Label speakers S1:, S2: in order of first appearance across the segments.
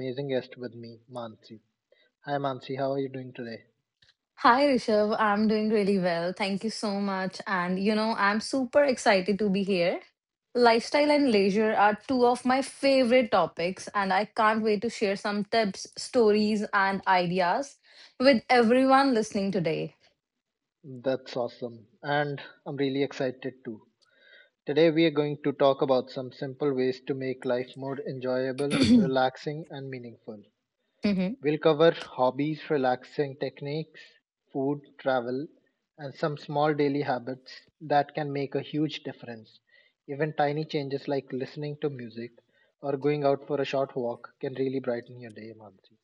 S1: amazing guest with me, Mansi. Hi, Mansi. How are you doing today?
S2: Hi Rishabh, I'm doing really well. Thank you so much. I'm super excited to be here. Lifestyle and leisure are two of my favorite topics, and I can't wait to share some tips, stories, and ideas with everyone listening today.
S1: That's awesome. And I'm really excited too. Today, we are going to talk about some simple ways to make life more enjoyable, relaxing, and meaningful.
S2: Mhm.
S1: We'll cover hobbies, relaxing techniques, food, travel, and some small daily habits that can make a huge difference. Even tiny changes like listening to music or going out for a short walk can really brighten your day, Mansi.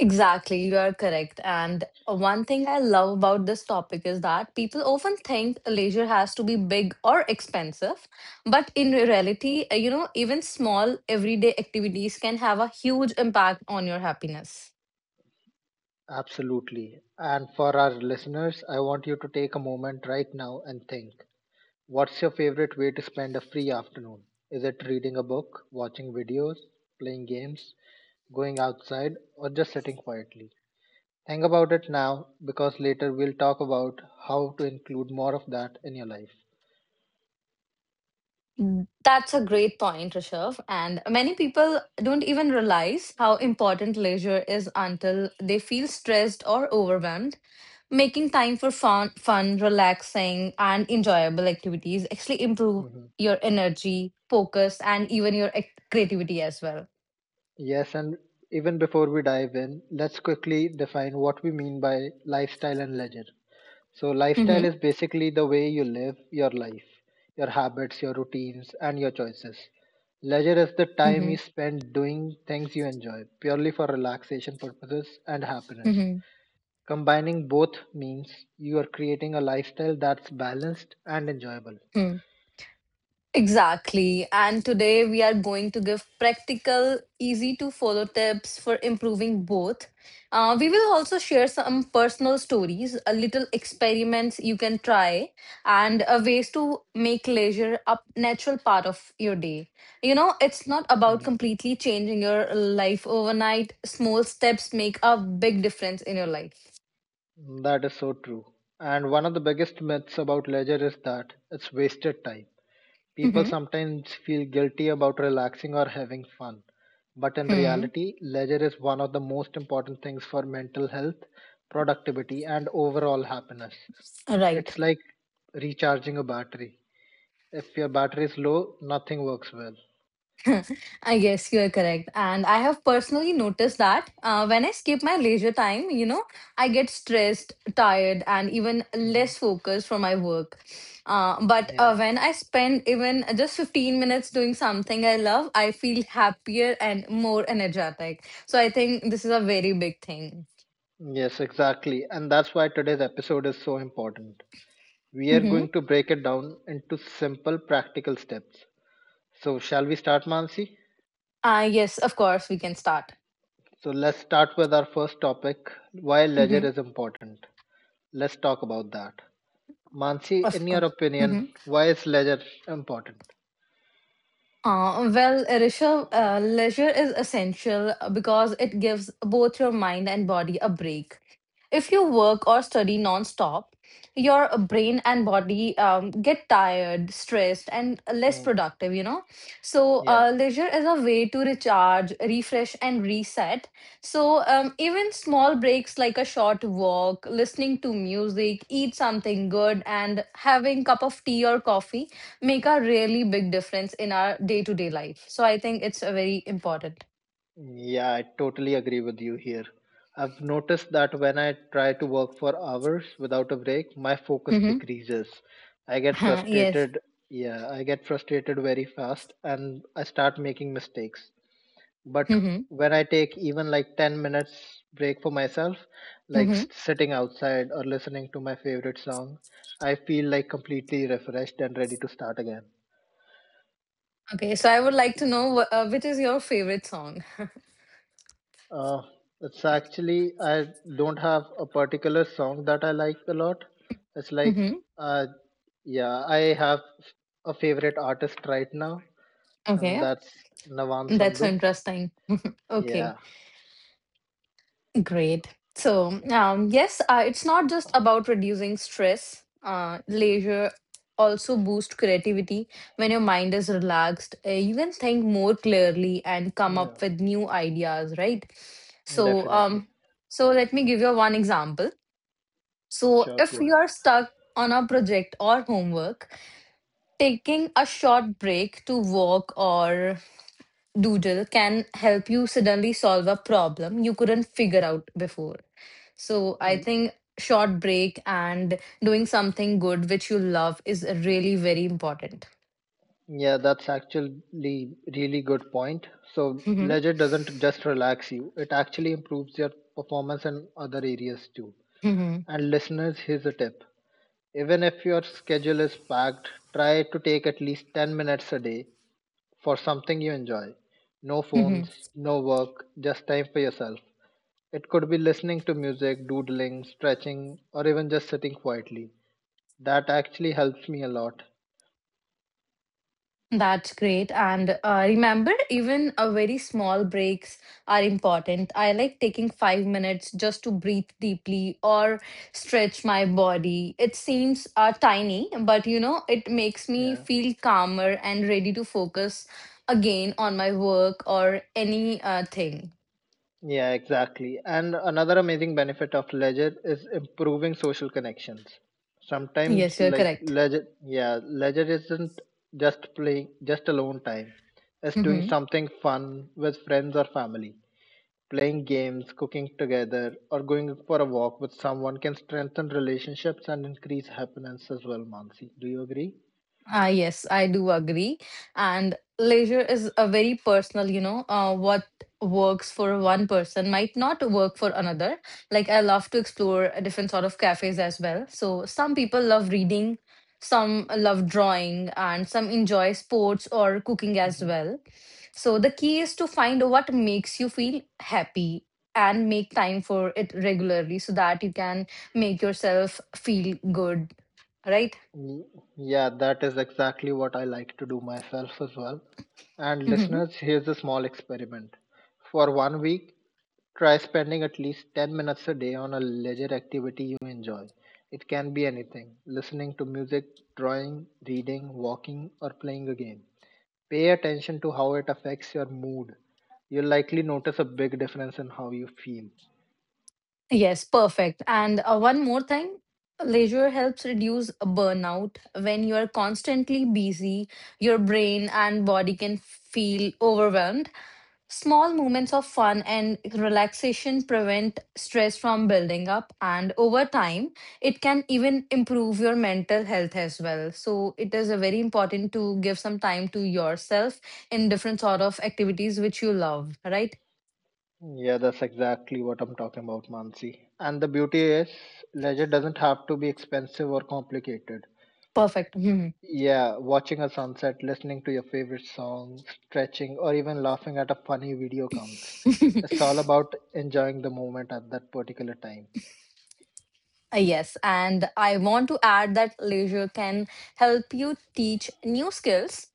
S2: Exactly, you are correct. And one thing I love about this topic is that people often think leisure has to be big or expensive, but in reality, even small everyday activities can have a huge impact on your happiness.
S1: Absolutely. And for our listeners, I want you to take a moment right now and think, what's your favorite way to spend a free afternoon? Is it reading a book, watching videos, playing games, going outside, or just sitting quietly? Think about it now, because later we'll talk about how to include more of that in your life.
S2: That's a great point, Rishabh. And many people don't even realize how important leisure is until they feel stressed or overwhelmed. Making time for fun, relaxing, and enjoyable activities actually improve
S1: Mhm.
S2: your energy, focus, and even your creativity as well.
S1: Yes, and even before we dive in, let's quickly define what we mean by lifestyle and leisure. So, lifestyle is
S2: Mm-hmm.
S1: basically the way you live your life, your habits, your routines, and your choices. Leisure is the time
S2: Mm-hmm.
S1: you spend doing things you enjoy, purely for relaxation purposes and happiness.
S2: Mm-hmm.
S1: Combining both means you are creating a lifestyle that's balanced and enjoyable.
S2: Hmm. Exactly. And today we are going to give practical, easy to follow tips for improving both. We will also share some personal stories, a little experiments you can try, and ways to make leisure a natural part of your day. It's not about
S1: Mhm.
S2: completely changing your life overnight. Small steps make a big difference in your life.
S1: That is so true. And one of the biggest myths about leisure is that it's wasted time. People
S2: Hmm.
S1: sometimes feel guilty about relaxing or having fun. But in
S2: Hmm.
S1: reality, leisure is one of the most important things for mental health, productivity, and overall happiness.
S2: Right.
S1: It's like recharging a battery. If your battery is low, nothing works well.
S2: I guess you're correct. And I have personally noticed that when I skip my leisure time, I get stressed, tired, and even
S1: Mhm.
S2: less focused for my work. Uh, but
S1: Yeah.
S2: uh, when I spend even just 15 minutes doing something I love, I feel happier and more energetic. So I think this is a very big thing.
S1: Yes, exactly. And that's why today's episode is so important. We are
S2: Mm-hmm.
S1: going to break it down into simple practical steps. So, shall we start, Mansi?
S2: Yes, of course, we can start.
S1: So, let's start with our first topic, why leisure
S2: Mm-hmm.
S1: is important. Let's talk about that. Mansi,
S2: Of
S1: in your
S2: course.
S1: opinion,
S2: Mm-hmm.
S1: why is leisure important?
S2: Well, Rishabh, leisure is essential because it gives both your mind and body a break. If you work or study non-stop, your brain and body get tired, stressed, and less
S1: Hmm.
S2: productive. So,
S1: Yeah,
S2: leisure is a way to recharge, refresh, and reset. So, even small breaks like a short walk, listening to music, eat something good, and having cup of tea or coffee make a really big difference in our day to day life. So I think it's a very important.
S1: yeah, I totally agree with you here. I've noticed that when I try to work for hours without a break, my focus decreases. I get
S2: Mm-hmm. Yes.
S1: frustrated. Yeah, I get frustrated very fast, and I start making mistakes. But
S2: Mm-hmm.
S1: when I take even like 10 minutes break for myself, like
S2: Mm-hmm.
S1: sitting outside or listening to my favorite song, I feel like completely refreshed and ready to start again.
S2: Okay. So I would like to know which is your favorite song.
S1: uh, it's actually, I don't have a particular song that I like a lot. It's like,
S2: Mm-hmm.
S1: uh, yeah, I have a favorite artist right now, and
S2: Okay.
S1: that's Navam
S2: That's so
S1: Sandhu.
S2: interesting. Okay.
S1: Yeah,
S2: Great. So, yes, it's not just about reducing stress. Leisure also boosts creativity. When your mind is relaxed, you can think more clearly and come
S1: yeah,
S2: up with new ideas, right? So,
S1: definitely,
S2: let me give you one example. So,
S1: sure,
S2: if
S1: go
S2: you are stuck on a project or homework, taking a short break to walk or doodle can help you suddenly solve a problem you couldn't figure out before. So I
S1: ahead.
S2: think short break and doing something good which you love is really very important.
S1: Yeah, that's actually really good point. So
S2: Mhm,
S1: leisure doesn't just relax you, it actually improves your performance in other areas too.
S2: mhm,
S1: And listeners, here's a tip. Even if your schedule is packed, try to take at least 10 minutes a day for something you enjoy. No phones,
S2: mhm.
S1: no work, just time for yourself. It could be listening to music, doodling, stretching, or even just sitting quietly. That actually helps me a lot.
S2: That's great. And remember, even a very small breaks are important. I like taking 5 minutes just to breathe deeply or stretch my body. It seems tiny, but it makes me
S1: Yeah.
S2: feel calmer and ready to focus again on my work or any thing.
S1: Yeah, exactly. And another amazing benefit of leisure is improving social connections. Sometimes,
S2: Yes, you're
S1: like
S2: correct.
S1: leisure, yeah, leisure isn't just playing, just alone time. It's doing
S2: Hmm.
S1: something fun with friends or family. Playing games, cooking together, or going for a walk with someone can strengthen relationships and increase happiness as well, Mansi. Do you agree?
S2: Ah, yes, I do agree. And leisure is a very personal. What works for one person might not work for another. Like I love to explore a different sort of cafes as well. So some people love reading, some love drawing, and some enjoy sports or cooking as well. So the key is to find what makes you feel happy and make time for it regularly so that you can make yourself feel good, right?
S1: Y- Yeah, that is exactly what I like to do myself as well. And listeners, here's a small experiment. For 1 week, try spending at least 10 minutes a day on a leisure activity you enjoy. It can be anything: listening to music, drawing, reading, walking, or playing a game. Pay attention to how it affects your mood. You'll likely notice a big difference in how you feel.
S2: Yes, perfect. And one more thing, leisure helps reduce burnout. When you are constantly busy, your brain and body can feel overwhelmed. Small moments of fun and relaxation prevent stress from building up, and over time, it can even improve your mental health as well. So, it is a very important to give some time to yourself in different sort of activities which you love, right?
S1: Yeah, that's exactly what I'm talking about, Mansi. And the beauty is, leisure doesn't have to be expensive or complicated.
S2: Perfect. Mhm.
S1: Yeah, watching a sunset, listening to your favorite song, stretching, or even laughing at a funny video counts. It's all about enjoying the moment at that particular time.
S2: Yes, and I want to add that leisure can help you teach new skills,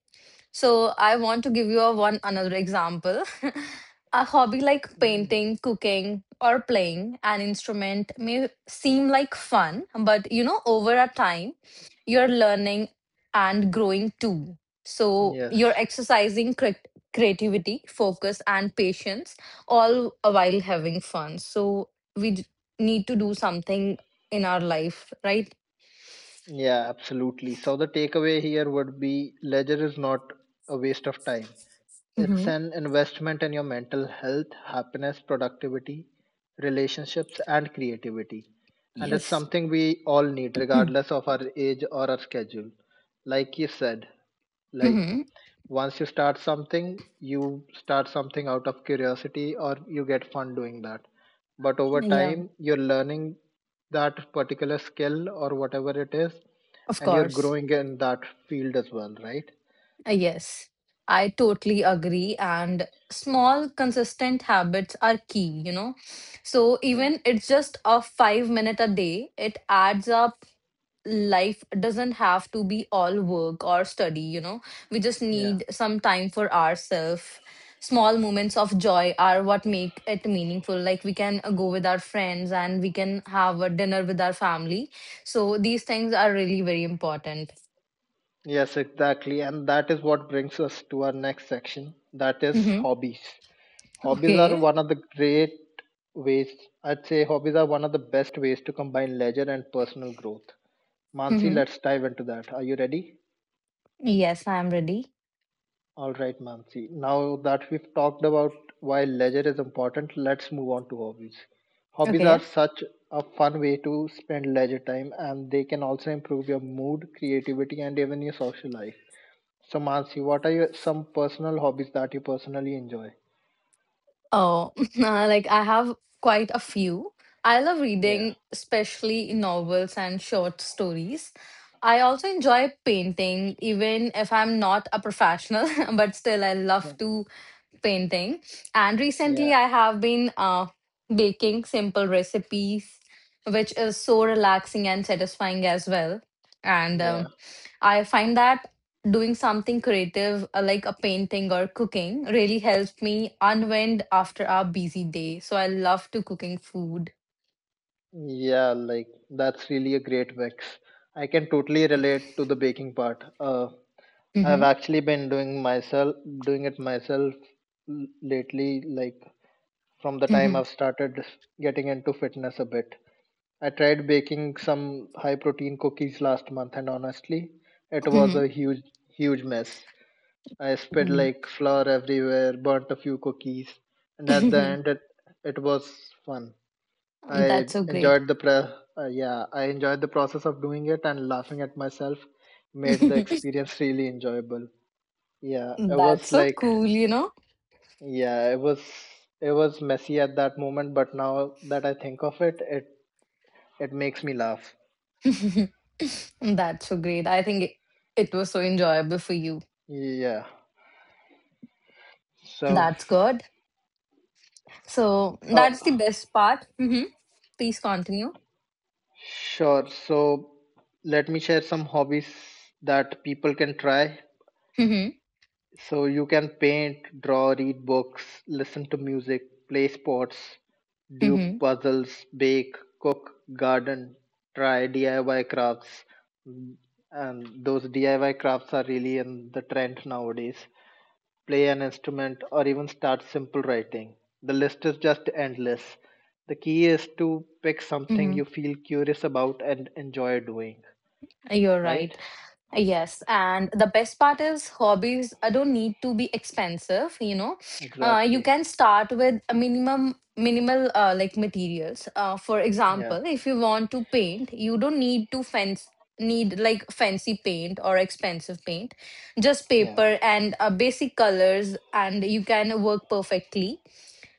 S2: so I want to give you a one another example. A hobby like
S1: Yeah.
S2: painting, cooking, or playing an instrument may seem like fun, but over a time, you're learning and growing too. So
S1: Yes.
S2: you're exercising creativity, focus, and patience, all while having fun. So we need to do something in our life, right?
S1: Yeah, absolutely. So the takeaway here would be, leisure is not a waste of time. It's
S2: Hmm.
S1: an investment in your mental health, happiness, productivity, relationships, and creativity. And it's
S2: Yes.
S1: something we all need, regardless of our age or our schedule. Like you said, like,
S2: Mm.
S1: once you start something out of curiosity, or you get fun doing that. But over
S2: Mhm. Yeah,
S1: time, you're learning that particular skill or whatever it is,
S2: of
S1: and you're
S2: course.
S1: growing in that field as well, right?
S2: Yes, I totally agree. And small, consistent habits are key. So
S1: Yeah.
S2: even it's just a 5 minute a day, it adds up. Life doesn't have to be all work or study. We just
S1: Yeah.
S2: need some time for ourselves. Small moments of joy are what make it meaningful. Like we can go with our friends and we can have a dinner with our family. So these things are really very important.
S1: Yes, exactly. And that is what brings us to our next section, that is
S2: Hmm.
S1: hobbies. Hobbies are
S2: Okay.
S1: one of the great ways, I'd say, hobbies are one of the best ways to combine leisure and personal growth. Mansi,
S2: Mm-hmm.
S1: let's dive into that. Are you ready?
S2: Yes, I'm ready.
S1: All right, Mansi. Now that we've talked about why leisure is important, let's move on to hobbies. Hobbies are
S2: Okay.
S1: such a fun way to spend leisure time, and they can also improve your mood, creativity, and even your social life. So Mansi, what are your some personal hobbies that you personally enjoy?
S2: Oh, like I have quite a few. I love
S1: Yeah,
S2: reading, especially novels and short stories. I also enjoy painting, even if I'm not a professional, but still I love to painting. And
S1: yeah,
S2: recently I have been baking simple recipes, which is so relaxing and satisfying as well. And
S1: yeah,
S2: I find that doing something creative like a painting or cooking really helps me unwind after a busy day. So I love to cooking food.
S1: yeah. Like, that's really a great mix. I can totally relate to the baking part. I've
S2: Mhm,
S1: actually been doing it myself lately. Like, from the time
S2: mhm,
S1: I've started getting into fitness a bit, I tried baking some high protein cookies last month, and honestly, it was
S2: mhm,
S1: a huge, huge mess. I spread
S2: mm.
S1: like flour everywhere, burnt a few cookies, and at the end, it was fun. I
S2: That's so great.
S1: enjoyed the process of doing it, and laughing at myself made the experience really enjoyable. Yeah, it
S2: That's
S1: was
S2: so
S1: like,
S2: cool, you know?
S1: yeah, it was messy at that moment, but now that I think of it, it, it makes me laugh.
S2: That's so great. I think it was so enjoyable for you.
S1: Yeah. So,
S2: That's good. So
S1: uh,
S2: that's the best part. Hmm. Please continue.
S1: sure. So, let me share some hobbies that people can try.
S2: Hmm.
S1: So you can paint, draw, read books, listen to music, play sports, do
S2: Hmm.
S1: puzzles, bake, cook, garden, try DIY crafts. Mm, And those DIY crafts are really in the trend nowadays. Play an instrument, or even start simple writing. The list is just endless. The key is to pick something
S2: Hmm.
S1: you feel curious about and enjoy doing,
S2: You're right.
S1: right?
S2: Yes, and the best part is hobbies don't need to be expensive, you know. You
S1: Exactly.
S2: can start with a minimum minimal like materials. For
S1: Yeah,
S2: example, if you want to paint, you don't need to fence need like fancy paint or expensive paint. Just
S1: yeah,
S2: paper and basic colors and you can work perfectly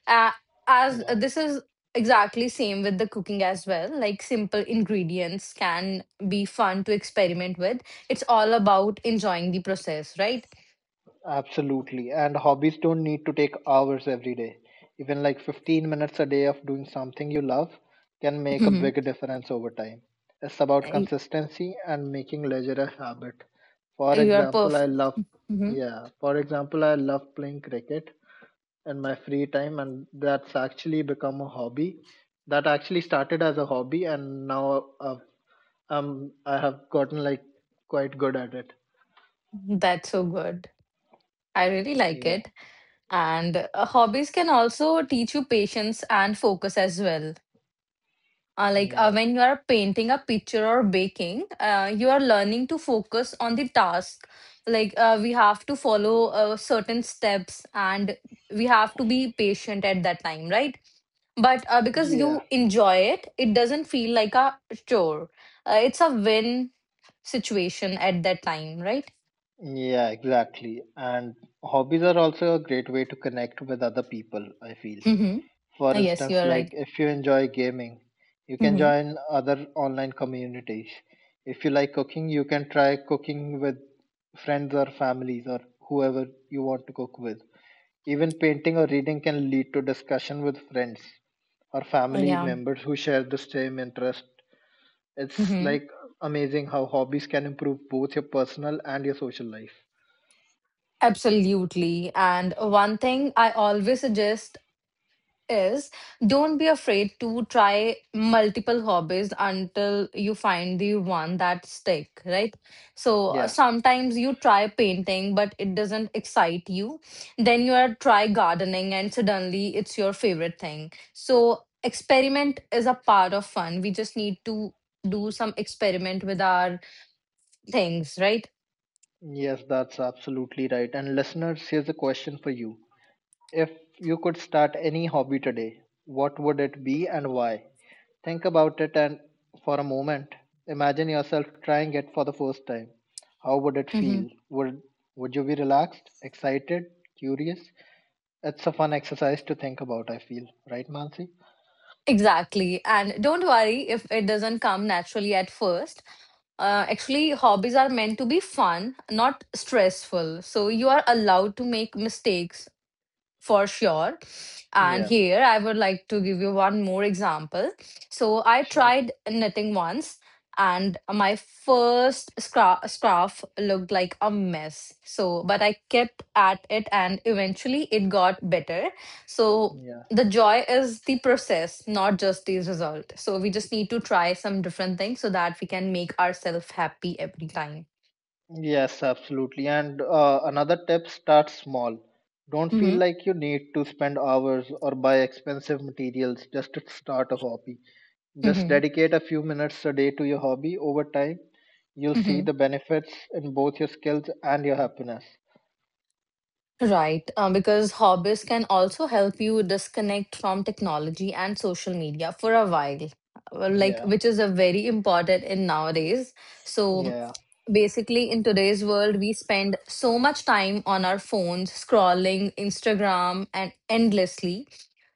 S2: uh, as
S1: yeah.
S2: this is exactly same with the cooking as well, like simple ingredients can be fun to experiment with. It's all about enjoying the process, right?
S1: Absolutely. And hobbies don't need to take hours every day. Even like 15 minutes a day of doing something you love can make a
S2: Hmm.
S1: big difference over time. It's about
S2: I,
S1: consistency and making leisure a habit. For
S2: you are
S1: example, I
S2: perfect.
S1: love,
S2: Hmm.
S1: yeah, for example, I love playing cricket in my free time, and that's actually become a hobby. That actually started as a hobby, and now I have gotten like quite good at it.
S2: That's so good. I really like
S1: Yeah,
S2: it. And hobbies can also teach you patience and focus as well. Like
S1: yeah,
S2: when you are painting a picture or baking, you are learning to focus on the task. Like we have to follow certain steps and we have to be patient at that time, right? But because
S1: yeah.
S2: you enjoy it, it doesn't feel like a chore. It's a win situation at that time, right?
S1: Yeah, exactly. And hobbies are also a great way to connect with other people, I feel.
S2: Mm-hmm.
S1: For
S2: Yes, you
S1: instance,
S2: are
S1: like,
S2: right.
S1: if you enjoy gaming, you can
S2: Mm-hmm.
S1: join other online communities. If you like cooking, you can try cooking with friends or families, or whoever you want to cook with. Even painting or reading can lead to discussion with friends or family
S2: Yeah.
S1: members who share the same interest. It's
S2: Mm-hmm.
S1: like amazing how hobbies can improve both your personal and your social life.
S2: Absolutely. And one thing I always suggest is don't be afraid to try multiple hobbies until you find the one that stick, right? So
S1: Yeah.
S2: sometimes you try painting but it doesn't excite you, then you are try gardening and suddenly it's your favorite thing. So experiment is a part of fun. We just need to do some experiment with our things, right?
S1: Yes, that's absolutely right. And listeners, here's a question for you. If you could start any hobby today, what would it be and why? Think about it, and for a moment, imagine yourself trying it for the first time. How would it
S2: Mm-hmm.
S1: feel? Would you be relaxed, excited, curious? It's a fun exercise to think about, I feel. Right, Mansi?
S2: Exactly. And don't worry if it doesn't come naturally at first. Actually, hobbies are meant to be fun, not stressful. So you are allowed to make mistakes for sure. And
S1: Yeah,
S2: here I would like to give you one more example. So I
S1: sure.
S2: tried knitting once and my first scarf looked like a mess. So, but I kept at it and eventually it got better. So,
S1: Yeah.
S2: the joy is the process, not just the result. So, we just need to try some different things so that we can make ourselves happy every time.
S1: Yes, absolutely. And another tip, start small. Don't feel
S2: Hmm.
S1: like you need to spend hours or buy expensive materials just to start a hobby. Just
S2: Hmm.
S1: dedicate a few minutes a day to your hobby. Over time, you'll see
S2: Hmm.
S1: the benefits in both your skills and your happiness.
S2: Right, because hobbies can also help you disconnect from technology and social media for a while, like
S1: Yeah,
S2: which is a very important in nowadays. So
S1: yeah,
S2: basically in today's world we spend so much time on our phones scrolling Instagram and endlessly,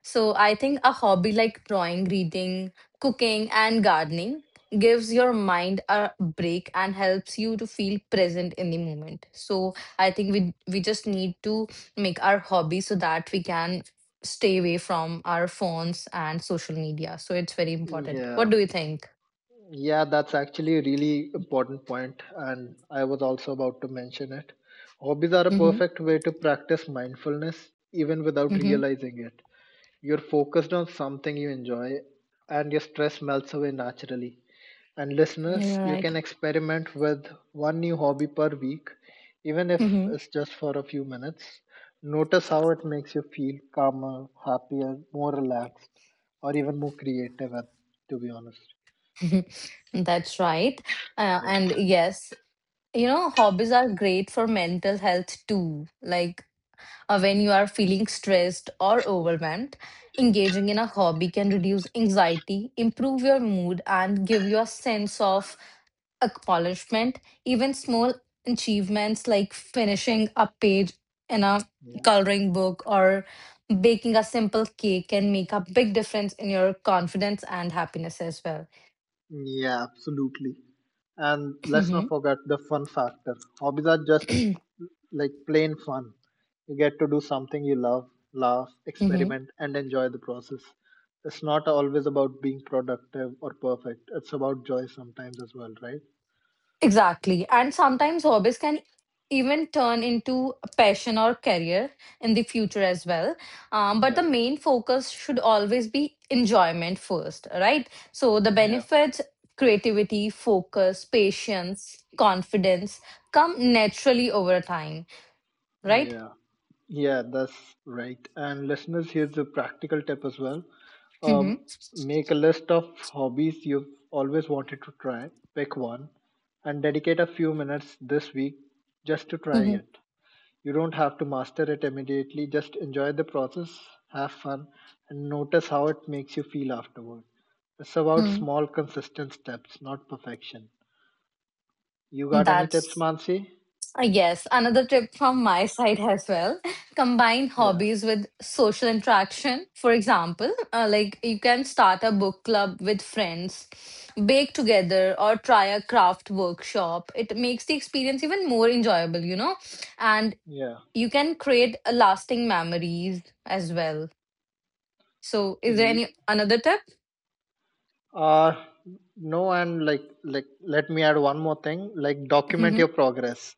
S2: so I think a hobby like drawing, reading, cooking, and gardening gives your mind a break and helps you to feel present in the moment. So I think we just need to make our hobby so that we can stay away from our phones and social media, so it's very important.
S1: yeah.
S2: What do you think?
S1: Yeah, that's actually a really important point, and I was also about to mention it. Hobbies are a
S2: Mm-hmm.
S1: perfect way to practice mindfulness, even without
S2: Mm-hmm.
S1: realizing it. You're focused on something you enjoy, and your stress melts away naturally. And listeners,
S2: You're
S1: you
S2: right.
S1: can experiment with one new hobby per week, even if it's just for a few minutes. Notice how it makes you feel calmer, happier, more relaxed, or even more creative, to be honest.
S2: That's right.
S1: Yes.
S2: And yes, hobbies are great for mental health too. Like when you are feeling stressed or overwhelmed, engaging in a hobby can reduce anxiety, improve your mood, and give you a sense of acknowledgement. Even small achievements like finishing a page in a
S1: Yeah.
S2: coloring book or baking a simple cake can make a big difference in your confidence and happiness as well.
S1: Yeah, absolutely. And let's not forget the fun factor. Hobbies are just like plain fun. You get to do something you love, laugh,
S2: Hmm.
S1: experiment, and enjoy the process. It's not always about being productive or perfect. It's about joy sometimes as well, right?
S2: Exactly. And sometimes hobbies can even turn into a passion or career in the future as well. But
S1: Yeah.
S2: the main focus should always be enjoyment first, right? So the
S1: Yeah.
S2: benefits, creativity, focus, patience, confidence come naturally over time, right?
S1: Yeah, yeah, that's right. And listeners, here's a practical tip as well.
S2: Mm-hmm.
S1: Um, Make a list of hobbies you've always wanted to try, pick one, and dedicate a few minutes this week just to try it. You don't have to master it immediately, just enjoy the process, have fun, and notice how it makes you feel afterward. It's about
S2: Mm-hmm.
S1: small, consistent steps, not perfection. You got any tips,
S2: That's
S1: Mansi?
S2: Yes, another tip from my side as well. Combine
S1: Yeah,
S2: hobbies with social interaction. For example, like you can start a book club with friends, bake together, or try a craft workshop. It makes the experience even more enjoyable, and you can create a lasting memories as well. So, is there any
S1: yeah.
S2: another tip?
S1: Uh, no, and like let me add one more thing. Like document
S2: Mm-hmm.
S1: your progress.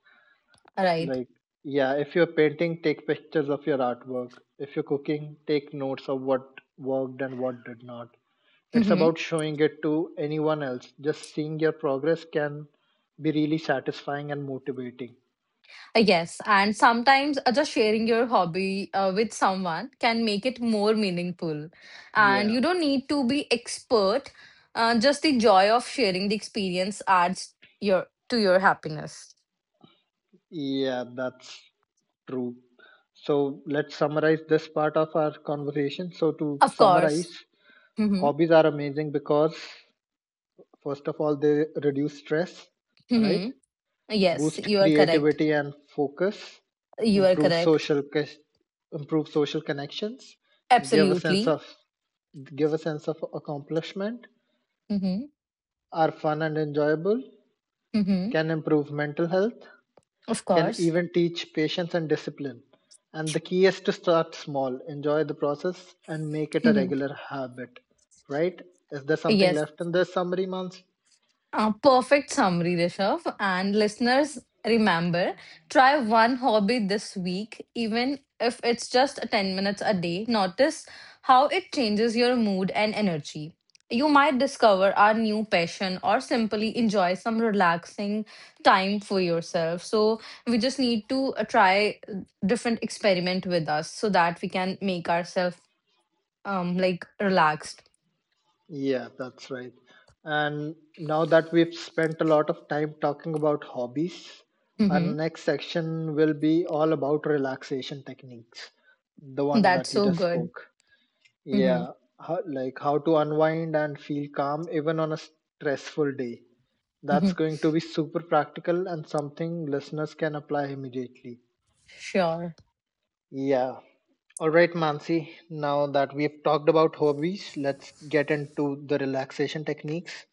S2: All right.
S1: Like yeah, if you're painting, take pictures of your artwork. If you're cooking, take notes of what worked and what did not. It's
S2: Mm-hmm.
S1: about showing it to anyone else. Just seeing your progress can be really satisfying and motivating.
S2: Yes, and sometimes just sharing your hobby with someone can make it more meaningful. And
S1: Yeah,
S2: you don't need to be expert, just the joy of sharing the experience adds your to your happiness.
S1: yeah, that's true. So let's summarize this part of our conversation. So to
S2: Of course.
S1: summarize,
S2: Mm-hmm.
S1: hobbies are amazing because, first of all, they reduce stress, right?
S2: Mm-hmm. Yes,
S1: Boost
S2: you are correct.
S1: creativity and focus,
S2: You are
S1: improve
S2: correct.
S1: social connections, give a sense
S2: Absolutely.
S1: of give a sense of accomplishment,
S2: Mm-hmm.
S1: are fun and enjoyable,
S2: Mm-hmm.
S1: can improve mental health,
S2: Of
S1: can
S2: course.
S1: even teach patience and discipline. And the key is to start small, enjoy the process, and make it a
S2: Mm-hmm.
S1: regular habit, right? Is there something
S2: Yes.
S1: left in this summary, Mans?
S2: Perfect summary, Rishabh. And listeners, remember try one hobby this week, even if it's just 10 minutes a day. Notice how it changes your mood and energy. You might discover a new passion or simply enjoy some relaxing time for yourself. So, we just need to try different experiment with us so that we can make ourselves like relaxed.
S1: Yeah, that's right. And now that we've spent a lot of time talking about hobbies, our
S2: hmm
S1: next section will be all about relaxation techniques, the one that
S2: That's
S1: you
S2: so
S1: just
S2: good.
S1: spoke.
S2: hmm
S1: Yeah, like how to unwind and feel calm even on a stressful day. That's going to be super practical and something listeners can apply immediately.
S2: Sure.
S1: Yeah, all right, Mansi, now that we've talked about hobbies, let's get into the relaxation techniques.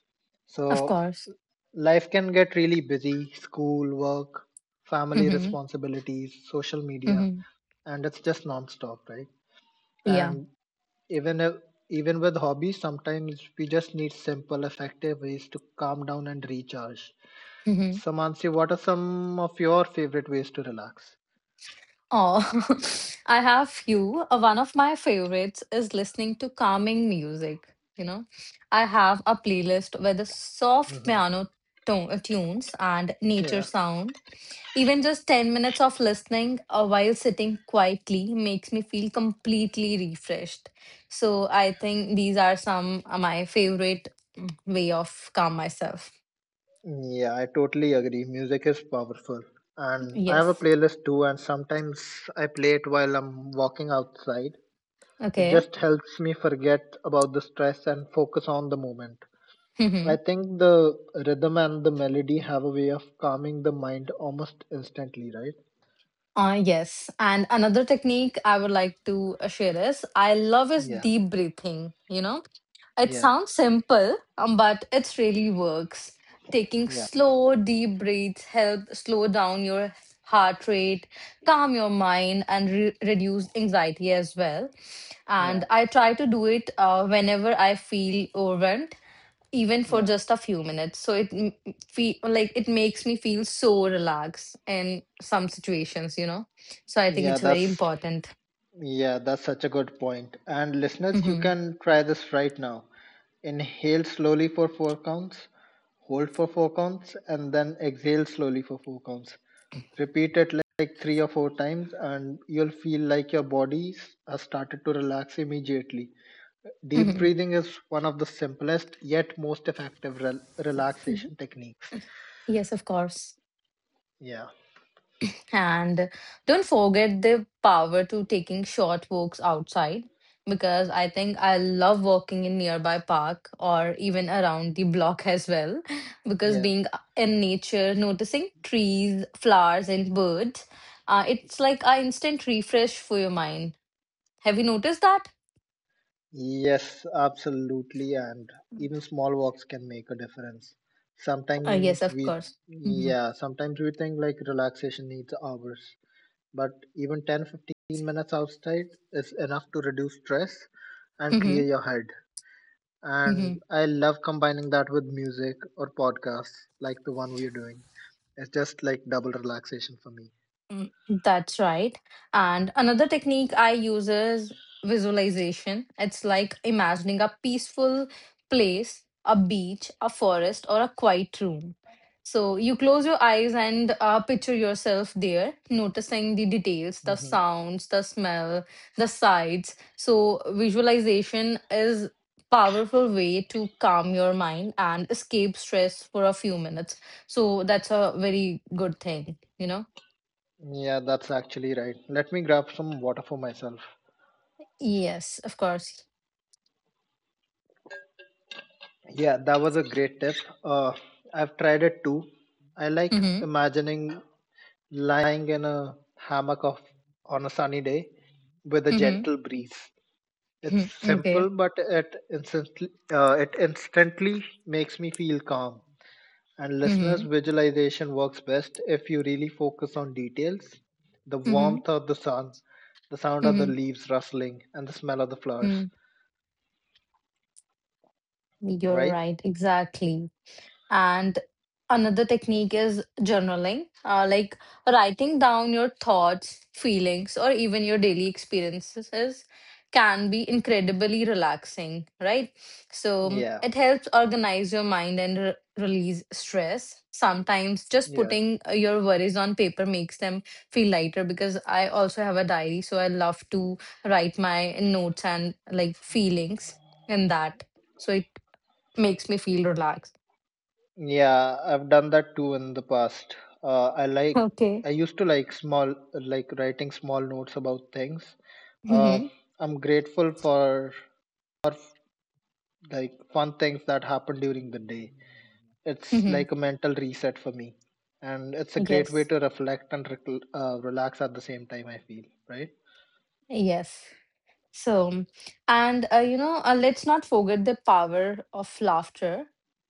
S2: Of
S1: So,
S2: course.
S1: life can get really busy: school, work, family
S2: hmm
S1: responsibilities, social media,
S2: hmm
S1: and it's just non-stop, right?
S2: Yeah.
S1: And even if, even with hobbies, sometimes we just need simple, effective ways to calm down and recharge.
S2: hmm
S1: So, Mansi, what are some of your favorite ways to relax?
S2: Oh, I have few. One of my favorites is listening to calming music. You know, I have a playlist with the soft
S1: Hmm.
S2: piano tone, tunes and nature
S1: Yeah.
S2: sound. Even just 10 minutes of listening while sitting quietly makes me feel completely refreshed. So I think these are some my favorite way of calm myself.
S1: Yeah, I totally agree. Music is powerful. And I have a
S2: Yes.
S1: playlist too, and sometimes I play it while I'm walking outside. It
S2: Okay.
S1: just helps me forget about the stress and focus on the moment. I think the rhythm and the melody have a way of calming the mind almost instantly, right?
S2: Yes. And another technique I would like to share is I love is
S1: Yeah,
S2: deep breathing. You know, it
S1: yeah,
S2: sounds simple, but it really works. Taking
S1: yeah,
S2: slow, deep breaths help slow down your heart rate, calm your mind, and reduce anxiety as well. And
S1: yeah,
S2: I try to do it whenever I feel overwhelmed even for
S1: yeah.
S2: just a few minutes. So it feel like it makes me feel so relaxed in some situations, you know. So I think
S1: Yeah,
S2: it's very
S1: that's
S2: important.
S1: Yeah, that's such a good point. And listeners, you
S2: hmm
S1: can try this right now. Inhale slowly for 4 counts, hold for 4 counts, and then exhale slowly for 4 counts. Repeat it like three or four times, and you'll feel like your body has started to relax immediately. Deep
S2: hmm
S1: breathing is one of the simplest yet most effective relaxation techniques.
S2: Yes, of course.
S1: Yeah,
S2: And don't forget the power to taking short walks outside because I think I love walking in nearby park or even around the block as well because
S1: yeah.
S2: being in nature, noticing trees, flowers and birds, it's like an instant refresh for your mind. Have you noticed that?
S1: Yes, absolutely. And even small walks can make a difference.
S2: Yes,
S1: Sometimes
S2: of
S1: we,
S2: course. Mm-hmm.
S1: yeah, sometimes we think like relaxation needs hours, but even 10, 15 minutes outside is enough to reduce stress and clear
S2: hmm
S1: your head.
S2: hmm
S1: And I love combining that with music or podcasts like the one we're doing. It's just like double relaxation for me.
S2: Mm, That's right. And another technique I use is visualization. It's like imagining a peaceful place, a beach, a forest, or a quiet room. So you close your eyes and picture yourself there, noticing the details, the
S1: Hmm.
S2: sounds, the smell, the sights. So visualization is powerful way to calm your mind and escape stress for a few minutes. So that's a very good thing, you know.
S1: Yeah, that's actually right. Let me grab some water for myself.
S2: Yes, of course.
S1: Yeah, that was a great tip. Uh, I've tried it too. I like
S2: Mhm.
S1: imagining lying in a hammock on a sunny day with a
S2: Mhm.
S1: gentle breeze. It's
S2: mhm,
S1: simple,
S2: Okay.
S1: but it instantly makes me feel calm. And listeners,
S2: Mhm.
S1: visualization works best if you really focus on details, the
S2: Mhm.
S1: warmth of the sun, the sound of the
S2: Mhm.
S1: leaves rustling, and the smell of the flowers,
S2: Mhm. You're
S1: right?
S2: right. Exactly. And another technique is journaling, like writing down your thoughts, feelings, or even your daily experiences can be incredibly relaxing, right? So
S1: Yeah.
S2: it helps organize your mind and release stress. Sometimes just
S1: Yeah.
S2: putting your worries on paper makes them feel lighter because I also have a diary, so I love to write my notes and like feelings in that. So it makes me feel relaxed.
S1: Yeah, I've done that too in the past. Uh, I like
S2: Okay.
S1: I used to like small writing small notes about things. Uh,
S2: Mm-hmm.
S1: I'm grateful for or f- like fun things that happen during the day. It's
S2: Mm-hmm.
S1: like a mental reset for me, and it's a great way
S2: Yes.
S1: to reflect and relax at the same time. I feel right.
S2: Yes. So, and let's not forget the power of laughter.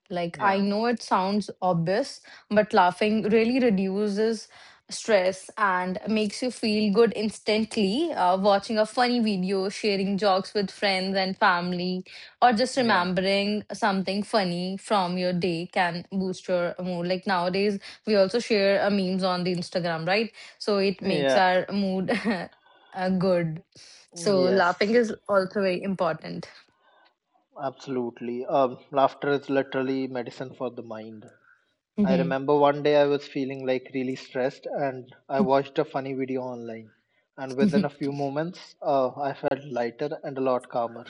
S2: Like, I
S1: Yeah,
S2: know it sounds obvious, but laughing really reduces stress and makes you feel good instantly. Watching a funny video, sharing jokes with friends and family, or just
S1: yeah,
S2: remembering something funny from your day can boost your mood. Like, nowadays, we also share memes on the Instagram, right? So, it makes
S1: yeah.
S2: our mood. Good so
S1: Yes,
S2: laughing is also very important.
S1: absolutely. Laughter is literally medicine for the mind. I
S2: Mhm.
S1: remember one day I was feeling like really stressed and I watched a funny video online. And within a few moments, I felt lighter and a lot calmer.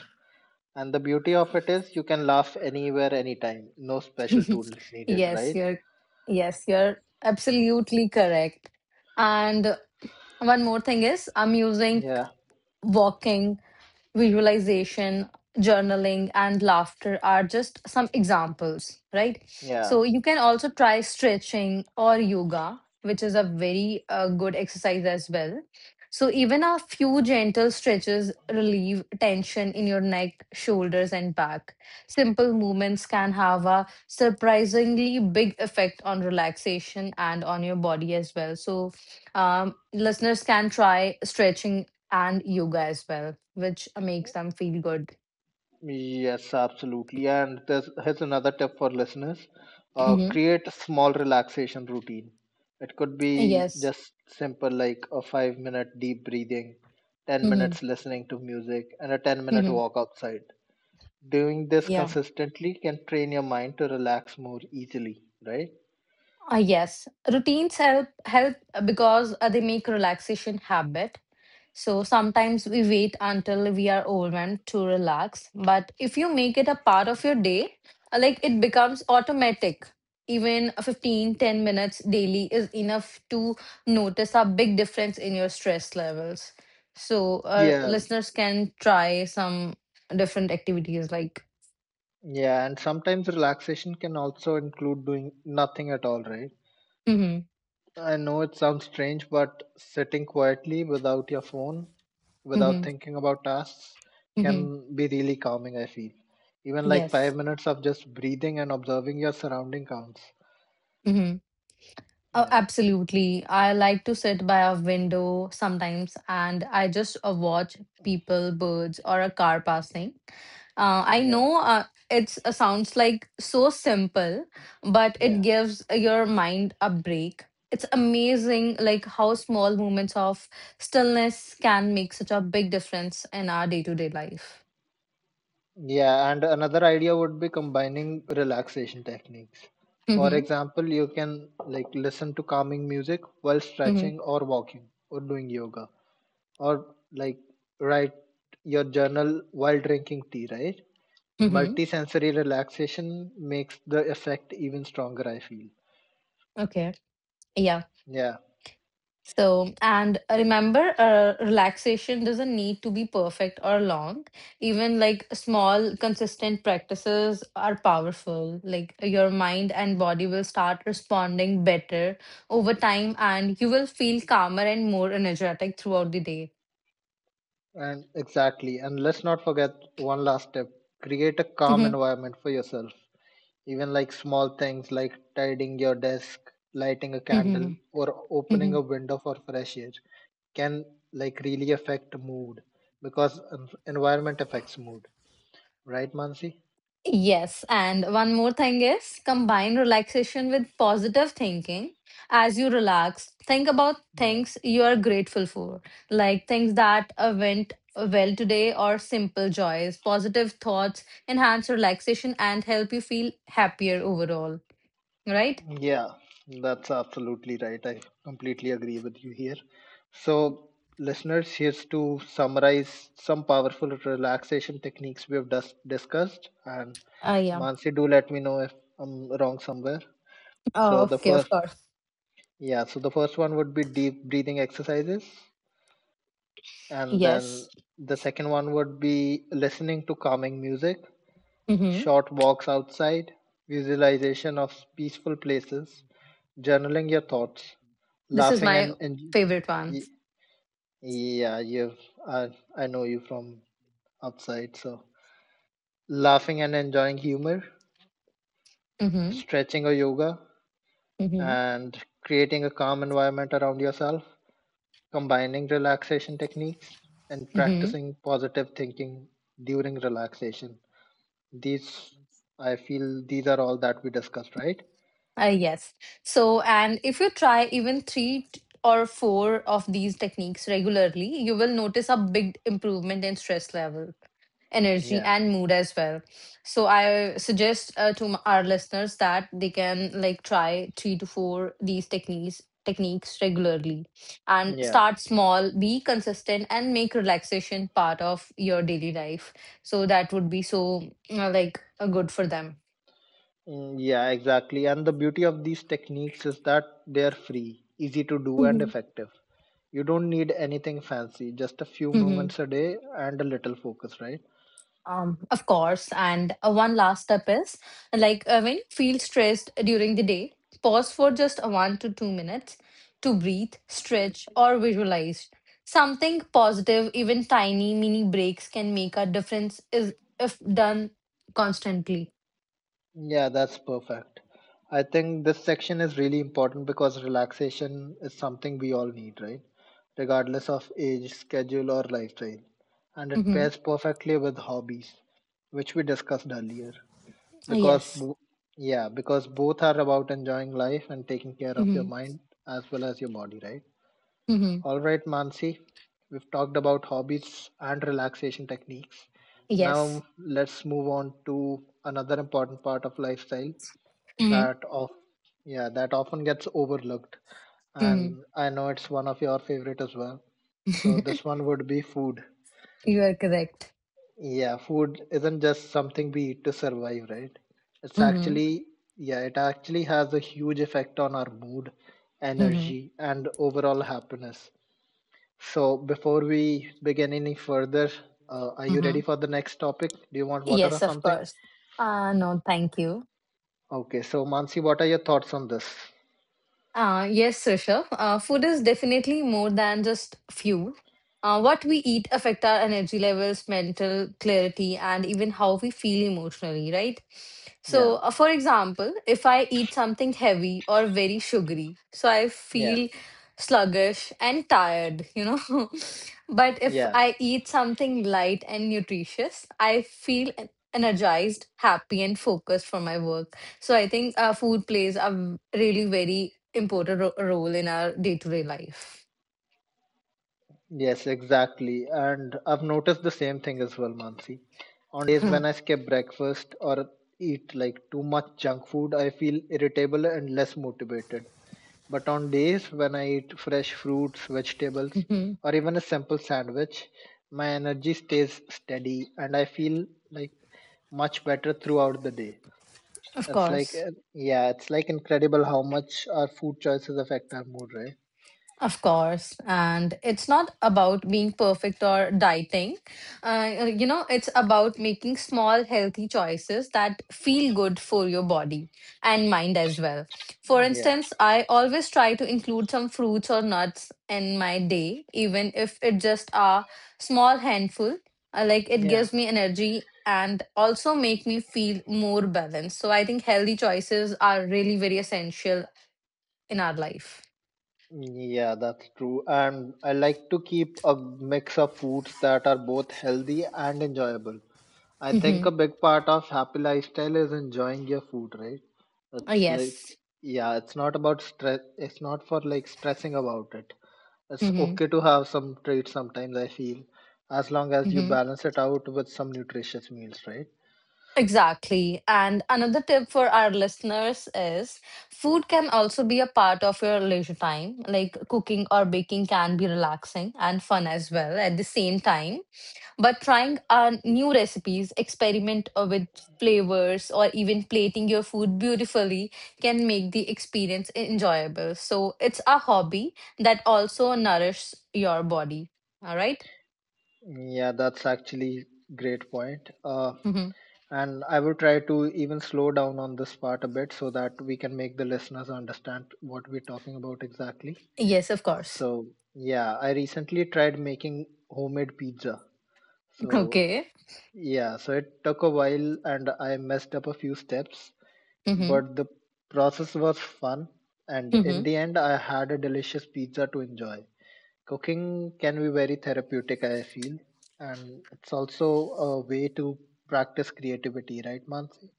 S1: And the beauty of it is you can laugh anywhere, anytime. No special tools needed,
S2: yes,
S1: right?
S2: you're yes, you're absolutely correct. And one more thing is I'm using
S1: Yeah,
S2: walking visualization, journaling, and laughter are just some examples, right?
S1: yeah.
S2: So you can also try stretching or yoga, which is a very good exercise as well. So even a few gentle stretches relieve tension in your neck, shoulders, and back. Simple movements can have a surprisingly big effect on relaxation and on your body as well. So listeners can try stretching and yoga as well, which makes them feel good.
S1: Yes, absolutely. And there's Here's another tip for listeners.
S2: hmm
S1: Create a small relaxation routine. It could be
S2: Yes.
S1: just simple like a 5 minute deep breathing, 10
S2: hmm
S1: minutes listening to music, and a 10-minute
S2: hmm
S1: walk outside. Doing this
S2: Yeah.
S1: consistently can train your mind to relax more easily, right?
S2: Yes. Routines help because they make relaxation habit. So sometimes we wait until we are overwhelmed to relax. But if you make it a part of your day, like it becomes automatic. Even a 15, 10 minutes daily is enough to notice a big difference in your stress levels. So
S1: Yeah,
S2: listeners can try some different activities like,
S1: yeah. And sometimes relaxation can also include doing nothing at all, right?
S2: mm-hmm,
S1: I know it sounds strange, but sitting quietly without your phone, without
S2: mm-hmm,
S1: thinking about tasks,
S2: mm-hmm,
S1: can be really calming, I feel. Even like
S2: yes.
S1: 5 minutes of just breathing and observing your surrounding counts.
S2: Mm-hmm. Oh,
S1: Yeah,
S2: absolutely. I like to sit by a window sometimes and I just watch people, birds, or a car passing. I
S1: yeah,
S2: know it's sounds like so simple, but
S1: yeah.
S2: it gives your mind a break. It's amazing like how small moments of stillness can make such a big difference in our day-to-day life.
S1: Yeah, and another idea would be combining relaxation techniques. For
S2: Mm-hmm.
S1: example, you can listen to calming music while
S2: Mm-hmm.
S1: stretching or walking or doing yoga, or like write your journal while drinking tea, right?
S2: Mm-hmm.
S1: Multisensory relaxation makes the effect even stronger, I feel.
S2: Okay. Yeah.
S1: Yeah,
S2: So, and remember, relaxation doesn't need to be perfect or long. Even like small, consistent practices are powerful. Like your mind and body will start responding better over time, and you will feel calmer and more energetic throughout the day.
S1: And exactly. And let's not forget one last step. Create a calm environment for yourself. Even like small things, like tidying your desk, lighting a candle,
S2: Mhm.
S1: or opening a window for fresh air, can like really affect mood because environment affects mood, right, Mansi?
S2: Yes, and one more thing is combine relaxation with positive thinking. As you relax, think about
S1: Yeah.
S2: things you are grateful for, like things that went well today or simple joys. Positive thoughts enhance relaxation and help you feel happier overall, right?
S1: Yeah, that's absolutely right. I completely agree with you here. So, listeners, here's to summarize some powerful relaxation techniques we have discussed. And
S2: Yeah.
S1: Mansi, do let me know if I'm wrong somewhere.
S2: Oh,
S1: So the
S2: okay, of
S1: first,
S2: course.
S1: yeah, so the first one would be deep breathing exercises, and then
S2: Yes.
S1: the second one would be listening to calming music,
S2: Mm-hmm.
S1: short walks outside, visualization of peaceful places, journaling your thoughts,
S2: This is
S1: laughing
S2: my favorite one.
S1: y- yeah, you've uh, I know you from outside, so laughing and enjoying humor,
S2: Mm-hmm.
S1: stretching or yoga,
S2: Mm-hmm.
S1: and creating a calm environment around yourself, combining relaxation techniques, and
S2: Mm-hmm.
S1: practicing positive thinking during relaxation. These I feel These are all that we discussed, right?
S2: Yes. So, and if you try even three or four of these techniques regularly, you will notice a big improvement in stress level, energy,
S1: Yeah,
S2: and mood as well. So, I suggest to our listeners that they can like try three to four these techniques regularly and
S1: yeah.
S2: start small be consistent and make relaxation part of your daily life so that would be so like good for them.
S1: Mm, yeah, exactly. And the beauty of these techniques is that they are free, easy to do, and
S2: Mhm.
S1: effective. You don't need anything fancy, just a few moments a day and a little focus, right?
S2: Of course. And one last step is like when you feel stressed during the day, pause for just a 1 to 2 minutes to breathe, stretch, or visualize something positive. Even tiny mini breaks can make a difference is if done constantly.
S1: Yeah, that's perfect. I think this section is really important because relaxation is something we all need, right? Regardless of age, schedule, or lifestyle. And it
S2: Mm-hmm.
S1: pairs perfectly with hobbies, which we discussed earlier. Because,
S2: Yes.
S1: bo- yeah, because both are about enjoying life and taking care of your
S2: Mm-hmm.
S1: mind as well as your body, right?
S2: Mm-hmm.
S1: All right, Mansi, we've talked about hobbies and relaxation techniques.
S2: Yes.
S1: Now let's move on to another important part of lifestyle
S2: Mm-hmm.
S1: that of yeah, that often gets overlooked,
S2: Mm-hmm.
S1: and I know it's one of your favorite as well. So this one would be food.
S2: You are correct.
S1: Yeah, food isn't just something we eat to survive, right? It's
S2: Mm-hmm.
S1: actually, yeah, it actually has a huge effect on our mood,
S2: Mm-hmm.
S1: energy, and overall happiness. So, before we begin any further, are you
S2: Mm-hmm.
S1: ready for the next topic? Do you want water or
S2: Yes, of
S1: something?
S2: course. No, thank you.
S1: Okay, so Mansi, what are your thoughts on this?
S2: Yes, Rishabh. Food is definitely more than just fuel. What we eat affect our energy levels, mental clarity, and even how we feel emotionally, right? So,
S1: Yeah,
S2: for example, if I eat something heavy or very sugary, so I
S1: yeah,
S2: feel sluggish and tired, you know. But if
S1: yeah,
S2: I eat something light and nutritious, I feel energized, happy, and focused for my work. So I think food plays a really very important role in our day to day life.
S1: yes, exactly. And I've noticed the same thing as well, Mansi. On days when I skip breakfast or eat like too much junk food, I feel irritable and less motivated. But on days when I eat fresh fruits, vegetables, or even a simple sandwich, my energy stays steady and I feel like much better throughout the day.
S2: Of course.
S1: It's like incredible how much our food choices affect our mood, right?
S2: Of course. And it's not about being perfect or dieting. You know, it's about making small, healthy choices that feel good for your body and mind as well. For
S1: Yeah,
S2: instance, I always try to include some fruits or nuts in my day, even if it just a small handful. Like it
S1: yeah,
S2: gives me energy and also make me feel more balanced. So I think healthy choices are really very essential in our life.
S1: yeah, that's true. And I like to keep a mix of foods that are both healthy and enjoyable. I think a big part of happy lifestyle is enjoying your food, right? It's like,
S2: Yes.
S1: yeah, it's not about stress, it's not for like stressing about it. It's
S2: hmm
S1: okay to have some treats sometimes, I feel, as long as you
S2: hmm
S1: balance it out with some nutritious meals, right?
S2: Exactly. And another tip for our listeners is food can also be a part of your leisure time. Like cooking or baking can be relaxing and fun as well at the same time. But trying new recipes, experiment with flavors, or even plating your food beautifully can make the experience enjoyable. So it's a hobby that also nourishes your body. All right.
S1: Yeah, that's actually great point.
S2: Mm-hmm.
S1: And I will try to even slow down on this part a bit so that we can make the listeners understand what we're talking about exactly.
S2: Yes, of course.
S1: So, yeah, I recently tried making homemade pizza. So,
S2: Okay.
S1: yeah, so it took a while and I messed up a few steps,
S2: Mm-hmm.
S1: but the process was fun. And in the end, I had a delicious pizza to enjoy. Cooking can be very therapeutic, I feel, and it's also a way to practice creativity, right, Mansi?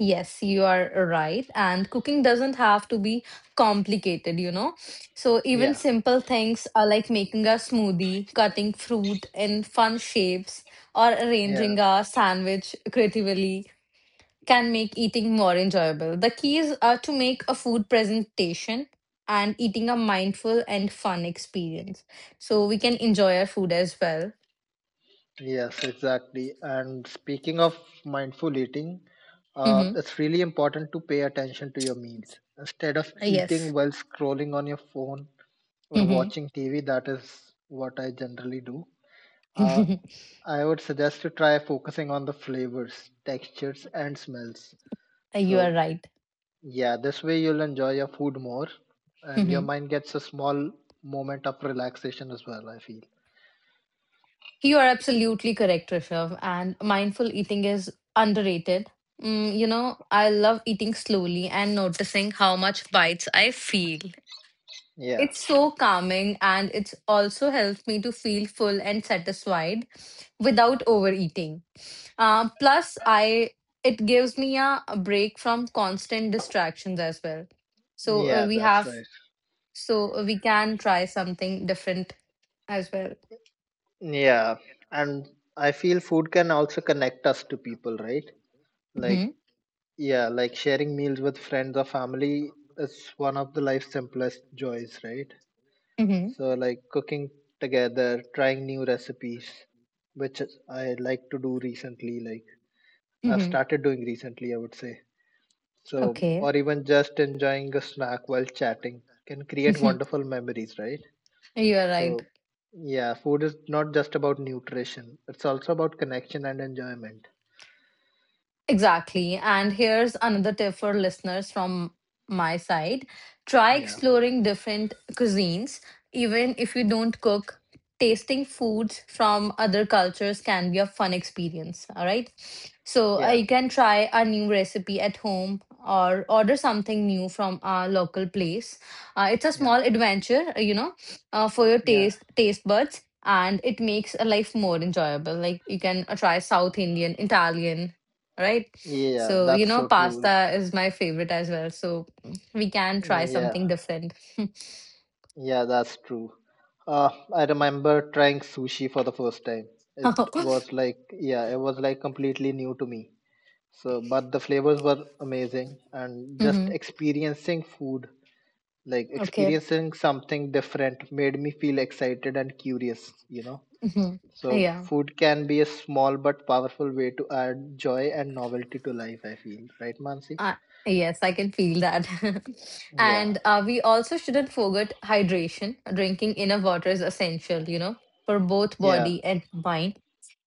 S2: Yes, you are right. And cooking doesn't have to be complicated, you know. So even
S1: Yeah,
S2: simple things are like making a smoothie, cutting fruit in fun shapes, or
S1: yeah,
S2: arranging a sandwich creatively can make eating more enjoyable. The keys are to make a food presentation and eating a mindful and fun experience. So we can enjoy our food as well.
S1: yes, exactly. And speaking of mindful eating,
S2: Mm-hmm.
S1: it's really important to pay attention to your meals. Instead of eating
S2: Yes.
S1: while scrolling on your phone or
S2: Mm-hmm.
S1: watching TV, that is what I generally do. Uh, I would suggest to try focusing on the flavors, textures, and smells.
S2: You are
S1: So
S2: right.
S1: yeah, this way you'll enjoy your food more and your mind gets a small moment of relaxation as well, I feel.
S2: You are absolutely correct, Rishabh. And mindful eating is underrated. You know, I love eating slowly and noticing how much bites I feel.
S1: Yeah,
S2: It's so calming and it's also helps me to feel full and satisfied without overeating. Plus, I it gives me a break from constant distractions as well. So
S1: yeah,
S2: we
S1: that's
S2: have
S1: right.
S2: so we can try something different as well.
S1: Yeah, and I feel food can also connect us to people, right? Like,
S2: Mm-hmm.
S1: yeah, like sharing meals with friends or family is one of the life's simplest joys, right?
S2: Mm-hmm.
S1: So, like cooking together, trying new recipes, I like to do recently, like I've
S2: Mm-hmm.
S1: started doing recently, I would say. So,
S2: Okay.
S1: or even just enjoying a snack while chatting can create wonderful memories, right?
S2: You are right.
S1: So, yeah, food is not just about nutrition, it's also about connection and enjoyment.
S2: Exactly. And here's another tip for listeners from my side try
S1: Yeah,
S2: exploring different cuisines. Even if you don't cook, tasting foods from other cultures can be a fun experience. All right. So
S1: yeah,
S2: you can try a new recipe at home or order something new from a local place. It's a
S1: yeah,
S2: small adventure, for your
S1: yeah,
S2: taste buds. And it makes a life more enjoyable. Like you can try South Indian, Italian, right?
S1: yeah,
S2: So, you
S1: that's
S2: know,
S1: so true.
S2: pasta is my favorite as well. So, we can try
S1: Yeah,
S2: something different.
S1: yeah, that's true. I remember trying sushi for the first time. It
S2: hmm
S1: was like, yeah, it was like completely new to me. So, but the flavors were amazing, and just experiencing food like
S2: Okay.
S1: experiencing something different made me feel excited and curious.
S2: hmm
S1: So
S2: Yeah.
S1: food can be a small but powerful way to add joy and novelty to life, I feel, right, Mansi?
S2: Uh, yes, I can feel that.
S1: Yeah,
S2: And we also shouldn't forget hydration. Drinking enough water is essential, you know, for both
S1: yeah,
S2: body and mind.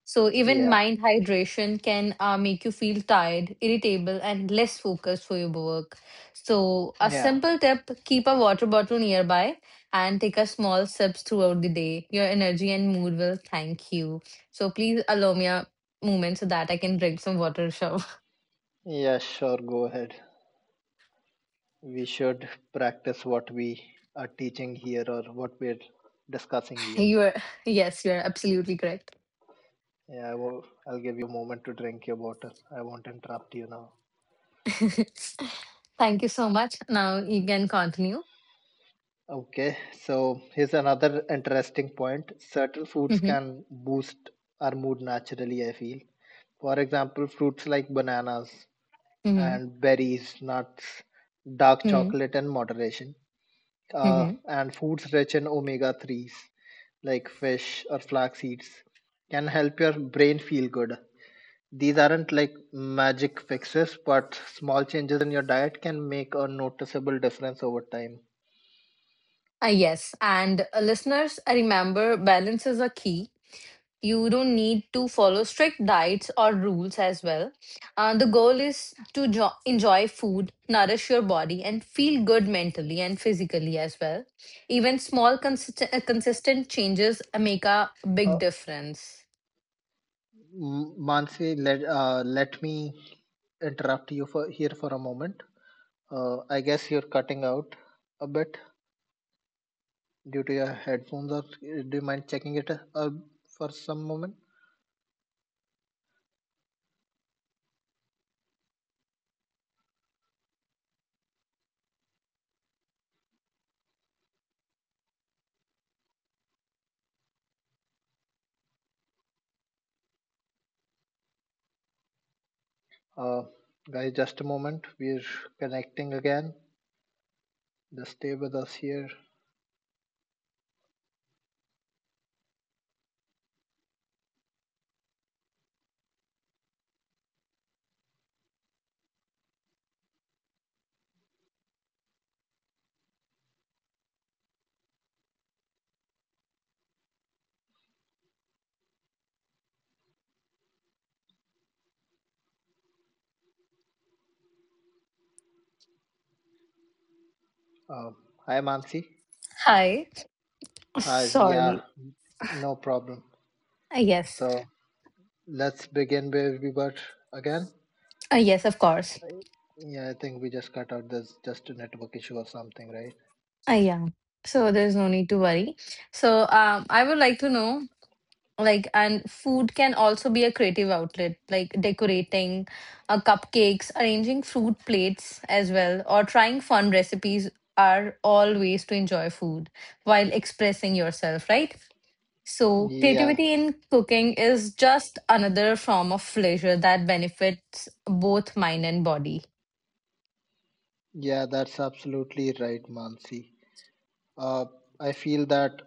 S2: So even
S1: yeah,
S2: mild hydration can make you feel tired, irritable, and less focused for your work. So a
S1: yeah,
S2: simple tip, keep a water bottle nearby and take a small sips throughout the day. Your energy and mood will thank you. So please allow me a moment so that I can drink some water, Shav.
S1: yeah, sure, go ahead. We should practice what we are teaching here or what we're discussing here.
S2: You are, yes, you are absolutely correct.
S1: Yeah, I'll give you a moment to drink your water. I won't interrupt you now.
S2: Thank you so much. Now you can continue.
S1: Okay, so here's another interesting point. Certain foods
S2: hmm
S1: can boost our mood naturally, I feel. For example, fruits like bananas
S2: hmm
S1: and berries, nuts, dark
S2: hmm
S1: chocolate in moderation,
S2: hmm
S1: and foods rich in omega 3s like fish or flax seeds can help your brain feel good. These aren't like magic fixes, but small changes in your diet can make a noticeable difference over time.
S2: Yes, and listeners, remember balance is a key. You don't need to follow strict diets or rules as well. The goal is to enjoy food, nourish your body, and feel good mentally and physically as well. Even small consistent changes make a
S1: Uh,
S2: big difference.
S1: Mansi, let let me interrupt you for here for a moment. I guess you're cutting out a bit due to your headphones. Or do you mind checking it for some moment? Uh, Guys, just a moment. We're connecting again. Just stay with us here. Uh, Hi, Mansi.
S3: Hi.
S1: Hi.
S3: Sorry.
S1: Yeah, no problem.
S3: Uh, yes.
S1: So let's begin where we were again.
S3: Yes, of course.
S1: Yeah, I think we just cut out. There's just a network issue or something, right?
S3: Yeah. So there's no need to worry. So I would like to know, like, and food can also be a creative outlet, like decorating cupcakes, arranging fruit plates as well, or trying fun recipes are all ways to enjoy food while expressing yourself, right? So
S1: Yeah.
S3: creativity in cooking is just another form of pleasure that benefits both mind and body.
S1: Yeah, that's absolutely right, Mansi. Uh, I feel that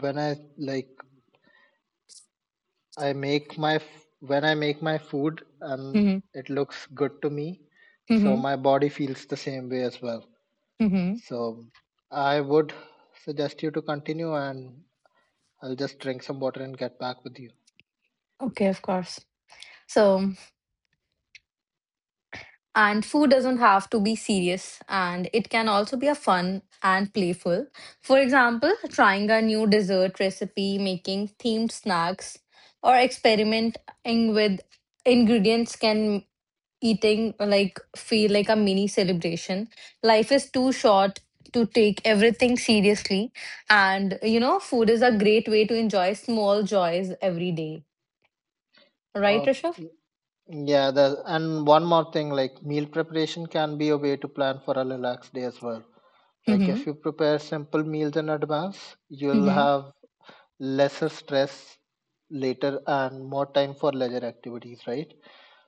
S1: when I make my f- when I make my food and
S3: hmm
S1: it looks good to me, so my body feels the same way as well.
S3: Mm-hmm.
S1: So I would suggest you to continue, and I'll just drink some water and get back with you.
S3: Okay, of course. So, and food doesn't have to be serious, and it can also be a fun and playful. For example, trying a new dessert recipe, making themed snacks, or experimenting with ingredients can eating like feel like a mini celebration. Life is too short to take everything seriously, and food is a great way to enjoy small joys every day. Right,
S1: Uh,
S3: Rishabh?
S1: yeah, and one more thing, like meal preparation can be a way to plan for a relaxed day as well. Like
S3: Mm-hmm.
S1: if you prepare simple meals in advance, you'll
S3: Mm-hmm.
S1: have lesser stress later and more time for leisure activities, right?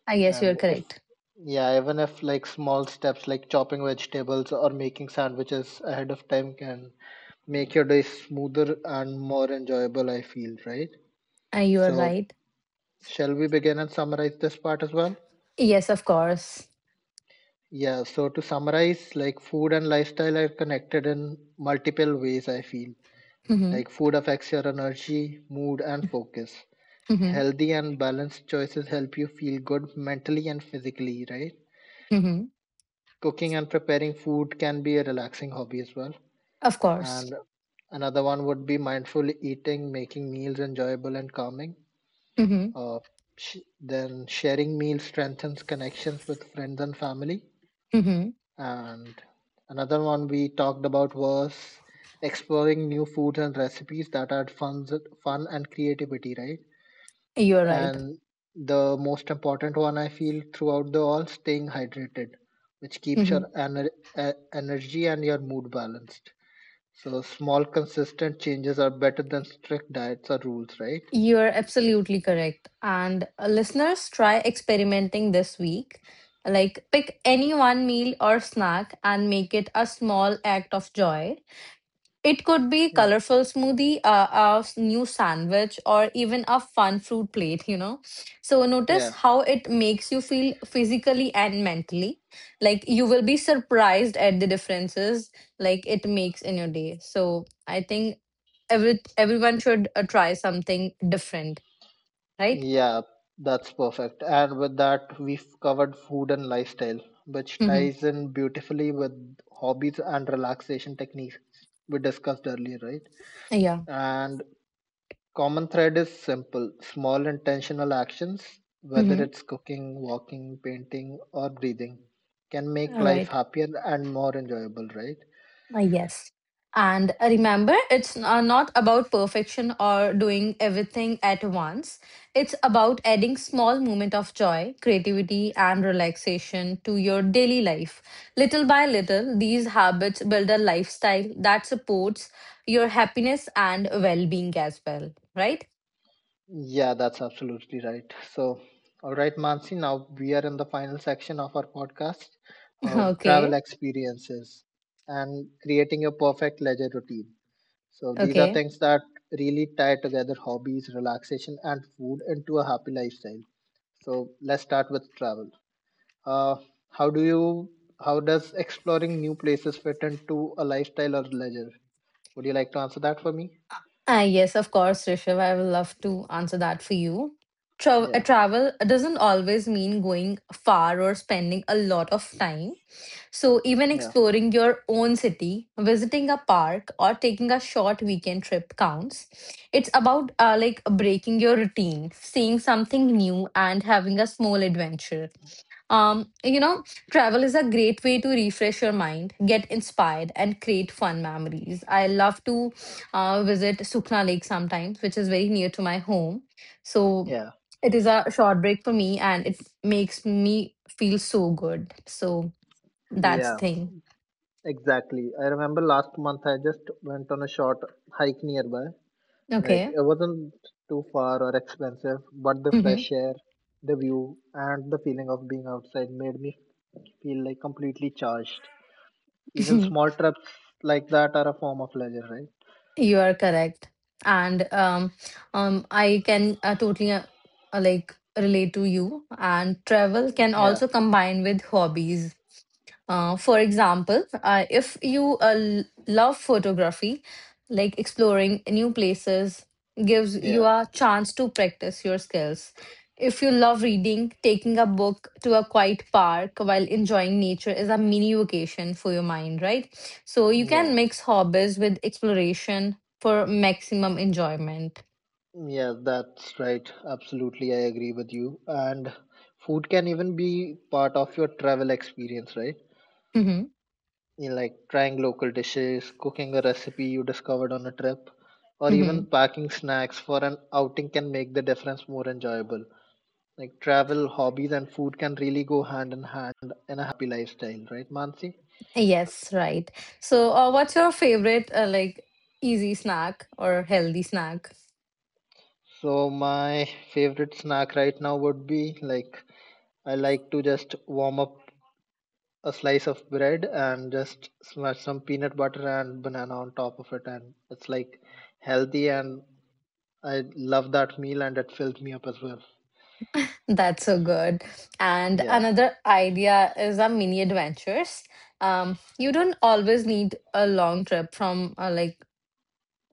S3: I guess
S1: And
S3: you're
S1: if
S3: correct.
S1: yeah even if like small steps like chopping vegetables or making sandwiches ahead of time can make your day smoother and more enjoyable, I feel, right?
S3: You are
S1: So
S3: right.
S1: shall we begin and summarize this part as well?
S3: Yes, of course.
S1: Yeah, so to summarize, like food and lifestyle are connected in multiple ways, I feel.
S3: hmm
S1: Like food affects your energy, mood, and focus.
S3: hmm
S1: Healthy and balanced choices help you feel good mentally and physically, right?
S3: hmm
S1: Cooking and preparing food can be a relaxing hobby as well.
S3: Of course.
S1: And another one would be mindful eating, making meals enjoyable and calming.
S3: hmm
S1: Uh, then sharing meals strengthens connections with friends and family.
S3: hmm
S1: And another one we talked about was exploring new foods and recipes that add fun and creativity, right?
S3: You are right.
S1: And the most important one I feel throughout the all, staying hydrated, which keeps your
S3: hmm
S1: energy and your mood balanced. So small consistent changes are better than strict diets or rules, right?
S3: You are absolutely correct. And listeners, try experimenting this week. Like, pick any one meal or snack and make it a small act of joy. It could be
S1: Yeah.
S3: colorful smoothie, new sandwich, or even a fun fruit plate. So notice
S1: Yeah.
S3: how it makes you feel physically and mentally. Like you will be surprised at the differences like it makes in your day. So I think everyone should try something different, right?
S1: Yeah, that's perfect. And with that, we've covered food and lifestyle, which
S3: Mm-hmm.
S1: ties in beautifully with hobbies and relaxation techniques we discussed earlier, right?
S3: Yeah.
S1: And common thread is simple, small intentional actions, whether
S3: Mm-hmm.
S1: it's cooking, walking, painting, or breathing, can make
S3: All
S1: life
S3: right.
S1: happier and more enjoyable, right?
S3: Yes. And remember, it's not about perfection or doing everything at once. It's about adding small moment of joy, creativity, and relaxation to your daily life. Little by little, these habits build a lifestyle that supports your happiness and well being as well. Right?
S1: Yeah, that's absolutely right. So, all right, Mansi, now we are in the final section of our podcast, travel
S3: Okay.
S1: experiences and creating your perfect leisure routine. So, these are
S3: Okay.
S1: things that really tie together hobbies, relaxation, and food into a happy lifestyle. So, let's start with travel. Uh, how do you? How does exploring new places fit into a lifestyle or leisure? Would you like to answer that for me?
S3: Ah, yes, of course, Rishiv. I will love to answer that for you.
S1: Yeah,
S3: Travel doesn't always mean going far or spending a lot of time. So, even
S1: yeah,
S3: exploring your own city, visiting a park, or taking a short weekend trip counts. It's about like breaking your routine, seeing something new, and having a small adventure. You know, travel is a great way to refresh your mind, get inspired, and create fun memories. I love to visit Sukhna Lake sometimes, which is very near to my home. So
S1: yeah,
S3: it is a short break for me and it makes me feel so good. So that's the
S1: yeah.
S3: thing.
S1: Exactly. I remember last month I just went on a short hike nearby. Like
S3: Okay.
S1: it wasn't too far or expensive, but the
S3: hmm
S1: fresh air, the view, and the feeling of being outside made me feel like completely charged. Even small trips like that are a form of leisure, right?
S3: you are correct. And I can totally like relate to you. And travel can
S1: Yeah,
S3: also combine with hobbies. For example, if you love photography, like exploring new places gives you
S1: yeah,
S3: a chance to practice your skills. If you love reading, taking a book to a quiet park while enjoying nature is a mini vacation for your mind, right? So you
S1: yeah.
S3: can mix hobbies with exploration for maximum enjoyment.
S1: Yeah, that's right. Absolutely, I agree with you. And food can even be part of your travel experience, right?
S3: hmm
S1: You like trying local dishes, cooking a recipe you discovered on a trip, or
S3: hmm
S1: even packing snacks for an outing can make the difference more enjoyable. Like travel, hobbies, and food can really go hand in hand in a happy lifestyle, right, Mansi?
S3: Yes, right. So, what's your favorite, like, easy snack or healthy snack?
S1: So my favorite snack right now would be like I like to just warm up a slice of bread and just smash some peanut butter and banana on top of it, and it's like healthy, and I love that meal, and it filled me up as well.
S3: That's so good. And
S1: Yeah.
S3: another idea is our mini adventures. You don't always need a long trip from uh, like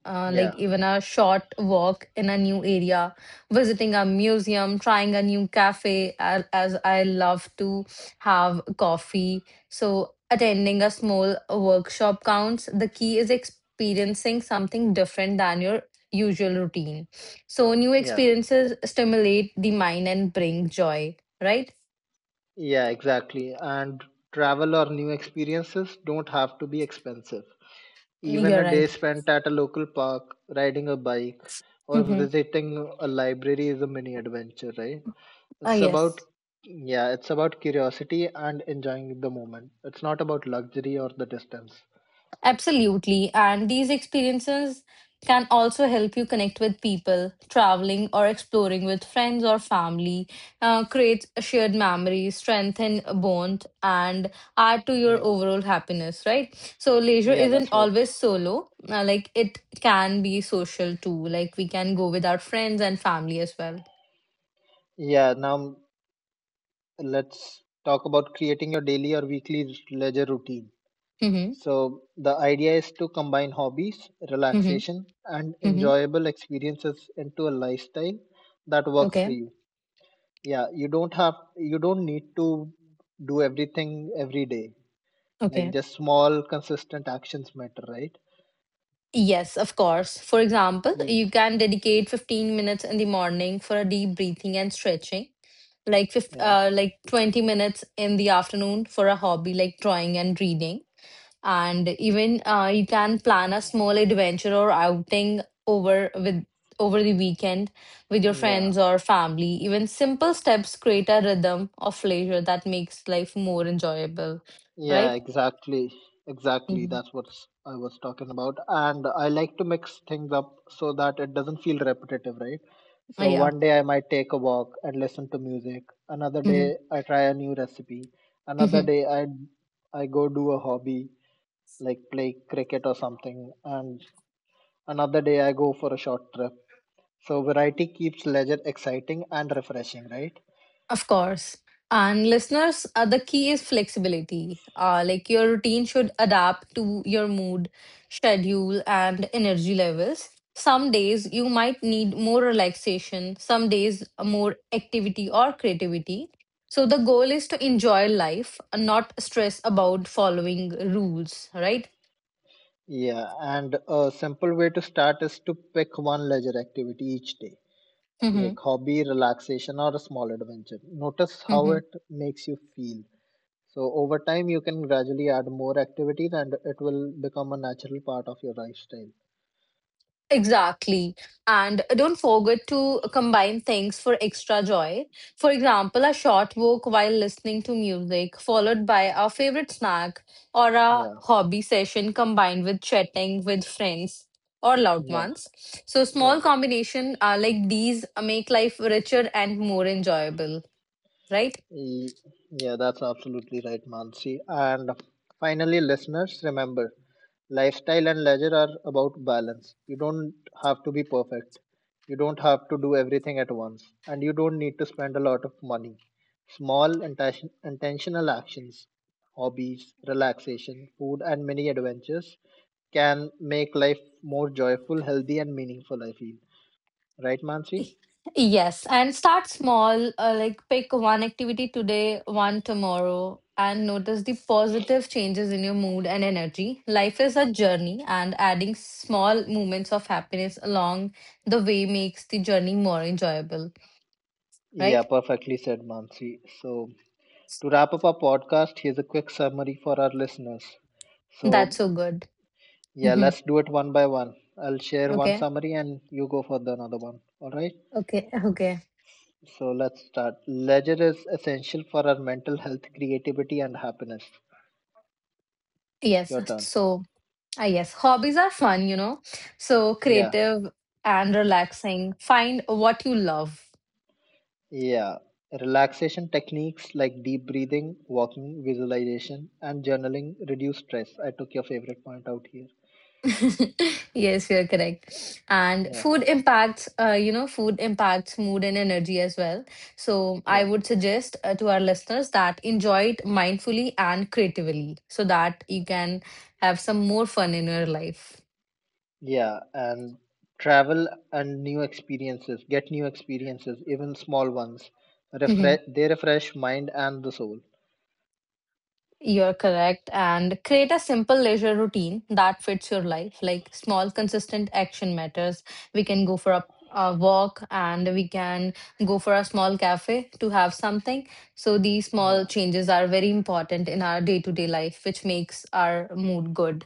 S3: uh,
S1: Yeah.
S3: like even a short walk in a new area, visiting a museum, trying a new cafe, as I love to have coffee. So, attending a small workshop counts. The key is experiencing something different than your usual routine. So, new
S1: Yeah.
S3: experiences stimulate the mind and bring joy, right?
S1: Yeah, exactly. And travel or new experiences don't have to be expensive. Even
S3: You're
S1: a day
S3: right.
S1: spent at a local park, riding a bike or
S3: Mm-hmm.
S1: visiting a library is a mini adventure, right? It's about,
S3: Yes.
S1: yeah, it's about curiosity and enjoying the moment. It's not about luxury or the distance.
S3: Absolutely. And these experiences can also help you connect with people, traveling or exploring with friends or family, create shared memories, strengthen bond, and add to your
S1: Yeah,
S3: overall happiness, right? So, leisure
S1: yeah,
S3: isn't
S1: that's right.
S3: always solo. Like, it can be social too. Like, we can go with our friends and family as well.
S1: Yeah, now let's talk about creating your daily or weekly leisure routine.
S3: Mm-hmm.
S1: So, the idea is to combine hobbies,
S3: Mm-hmm.
S1: relaxation, and
S3: Mm-hmm.
S1: enjoyable experiences into a lifestyle that works for
S3: Okay.
S1: you. Yeah, you don't need to do everything every day. Like
S3: Okay.
S1: just small, consistent actions matter, right?
S3: Yes, of course. For example,
S1: Yeah.
S3: you can dedicate 15 minutes in the morning for a deep breathing and stretching, like
S1: Yeah.
S3: like 20 minutes in the afternoon for a hobby like drawing and reading. And even you can plan a small adventure or outing over with over the weekend with your
S1: Yeah,
S3: friends or family. Even simple steps create a rhythm of leisure that makes life more enjoyable,
S1: yeah,
S3: right?
S1: exactly. Exactly.
S3: Mm-hmm.
S1: That's what I was talking about. And I like to mix things up so that it doesn't feel repetitive, right? So
S3: Yeah.
S1: one day I might take a walk and listen to music. Another
S3: hmm
S1: day I try a new recipe. Another
S3: hmm
S1: day I go do a hobby like play cricket or something. And another day I go for a short trip. So variety keeps leisure exciting and refreshing, right?
S3: Of course. And listeners, the key is flexibility. Like your routine should adapt to your mood, schedule, and energy levels. Some days you might need more relaxation, some days more activity or creativity. So the goal is to enjoy life, and not stress about following rules, right?
S1: Yeah, and a simple way to start is to pick one leisure activity each day,
S3: Mm-hmm.
S1: like hobby, relaxation, or a small adventure. Notice how
S3: mm-hmm.
S1: it makes you feel. So, over time, you can gradually add more activities and it will become a natural part of your lifestyle.
S3: Exactly. And don't forget to combine things for extra joy. For example, a short walk while listening to music, followed by our favorite snack or a
S1: Yeah,
S3: hobby session combined with chatting with friends or loved
S1: yeah,
S3: ones. So,
S1: yeah.
S3: small combination like these make life richer and more enjoyable, right?
S1: E- Yeah, that's absolutely right, Mansi. And finally, listeners, remember, lifestyle and leisure are about balance. You don't have to be perfect. You don't have to do everything at once. And you don't need to spend a lot of money. Small, intentional actions, hobbies, relaxation, food, and many adventures can make life more joyful, healthy, and meaningful, I feel. Right, Mansi?
S3: Yes, and start small, like pick one activity today, one tomorrow, and notice the positive changes in your mood and energy. Life is a journey, and adding small moments of happiness along the way makes the journey more enjoyable,
S1: Yeah,
S3: right?
S1: perfectly said, Mansi. So, to wrap up our podcast, here's a quick summary for our listeners.
S3: That's
S1: So,
S3: so good.
S1: yeah,
S3: hmm
S1: let's do it one by one. I'll share one
S3: Okay,
S1: summary and you go for the another one. All right.
S3: okay, okay.
S1: So let's start. Leisure is essential for our mental health, creativity, and happiness.
S3: Yes,
S1: Your turn.
S3: so yes, hobbies are fun, you know, so
S1: Yeah.
S3: creative and relaxing. Find what you love.
S1: Yeah. Relaxation techniques like deep breathing, walking, visualization, and journaling reduce stress. I took your favorite point out here.
S3: Yes, you're correct. And
S1: Yeah.
S3: food impacts, food impacts mood and energy as well. So I
S1: Yeah.
S3: would suggest to our listeners that enjoy it mindfully and creatively so that you can have some more fun in your life.
S1: Yeah. And travel and new experiences. Get new experiences, even small ones. They refresh mind and the soul.
S3: You're correct. And create a simple leisure routine that fits your life. Like small, consistent action matters. We can go for a walk and we can go for a small cafe to have something. So these small
S1: Yeah.
S3: changes are very important in our day to day life, which makes our mood good.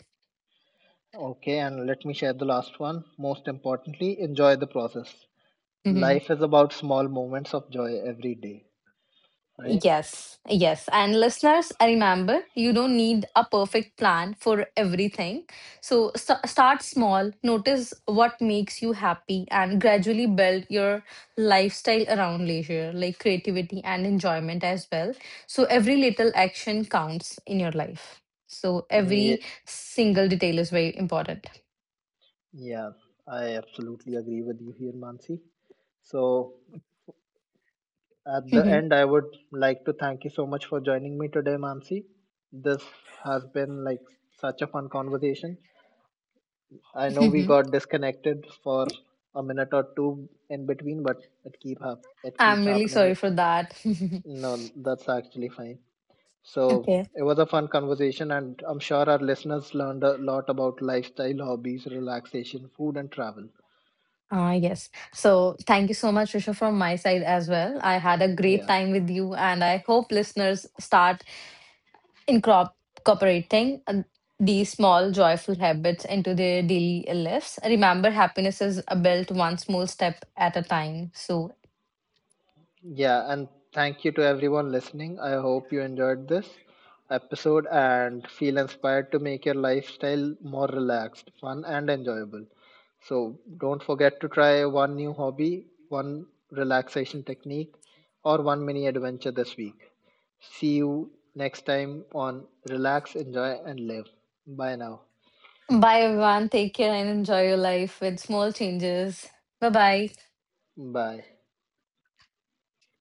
S1: Okay, and let me share the last one. Most importantly, enjoy the process.
S3: Mhm.
S1: Life is about small moments of joy every day, right?
S3: Yes, yes. And listeners, remember, you don't need a perfect plan for everything. So start small, notice what makes you happy, and gradually build your lifestyle around leisure, like creativity and enjoyment as well. So every little action counts in your life. So
S1: Yeah,
S3: every single detail is very important.
S1: yeah, I absolutely agree with you here, Mansi. So, at the end, I would like to thank you so much for joining me today, Mansi. This has been like such a fun conversation. I know we
S3: mhm.
S1: got disconnected for a minute or two in between, but it keep hap- it
S3: I'm
S1: keeps
S3: really
S1: happening.
S3: sorry for that.
S1: No, that's actually fine. So
S3: okay.
S1: it was a fun conversation, and I'm sure our listeners learned a lot about lifestyle, hobbies, relaxation, food, and travel.
S3: Ah, yes. So thank you so much, Risha, from my side as well. I had a great
S1: Yeah.
S3: time with you, and I hope listeners start incrop- incorporating these small joyful habits into their daily lives. Remember, happiness is built one small step at a time. So,
S1: Yeah. And thank you to everyone listening. I hope you enjoyed this episode and feel inspired to make your lifestyle more relaxed, fun, and enjoyable. So don't forget to try one new hobby, one relaxation technique, or one mini adventure this week. See you next time on Relax, Enjoy, and Live. Bye now.
S3: bye everyone. Take care and enjoy your life with small changes. Bye bye.
S1: Bye.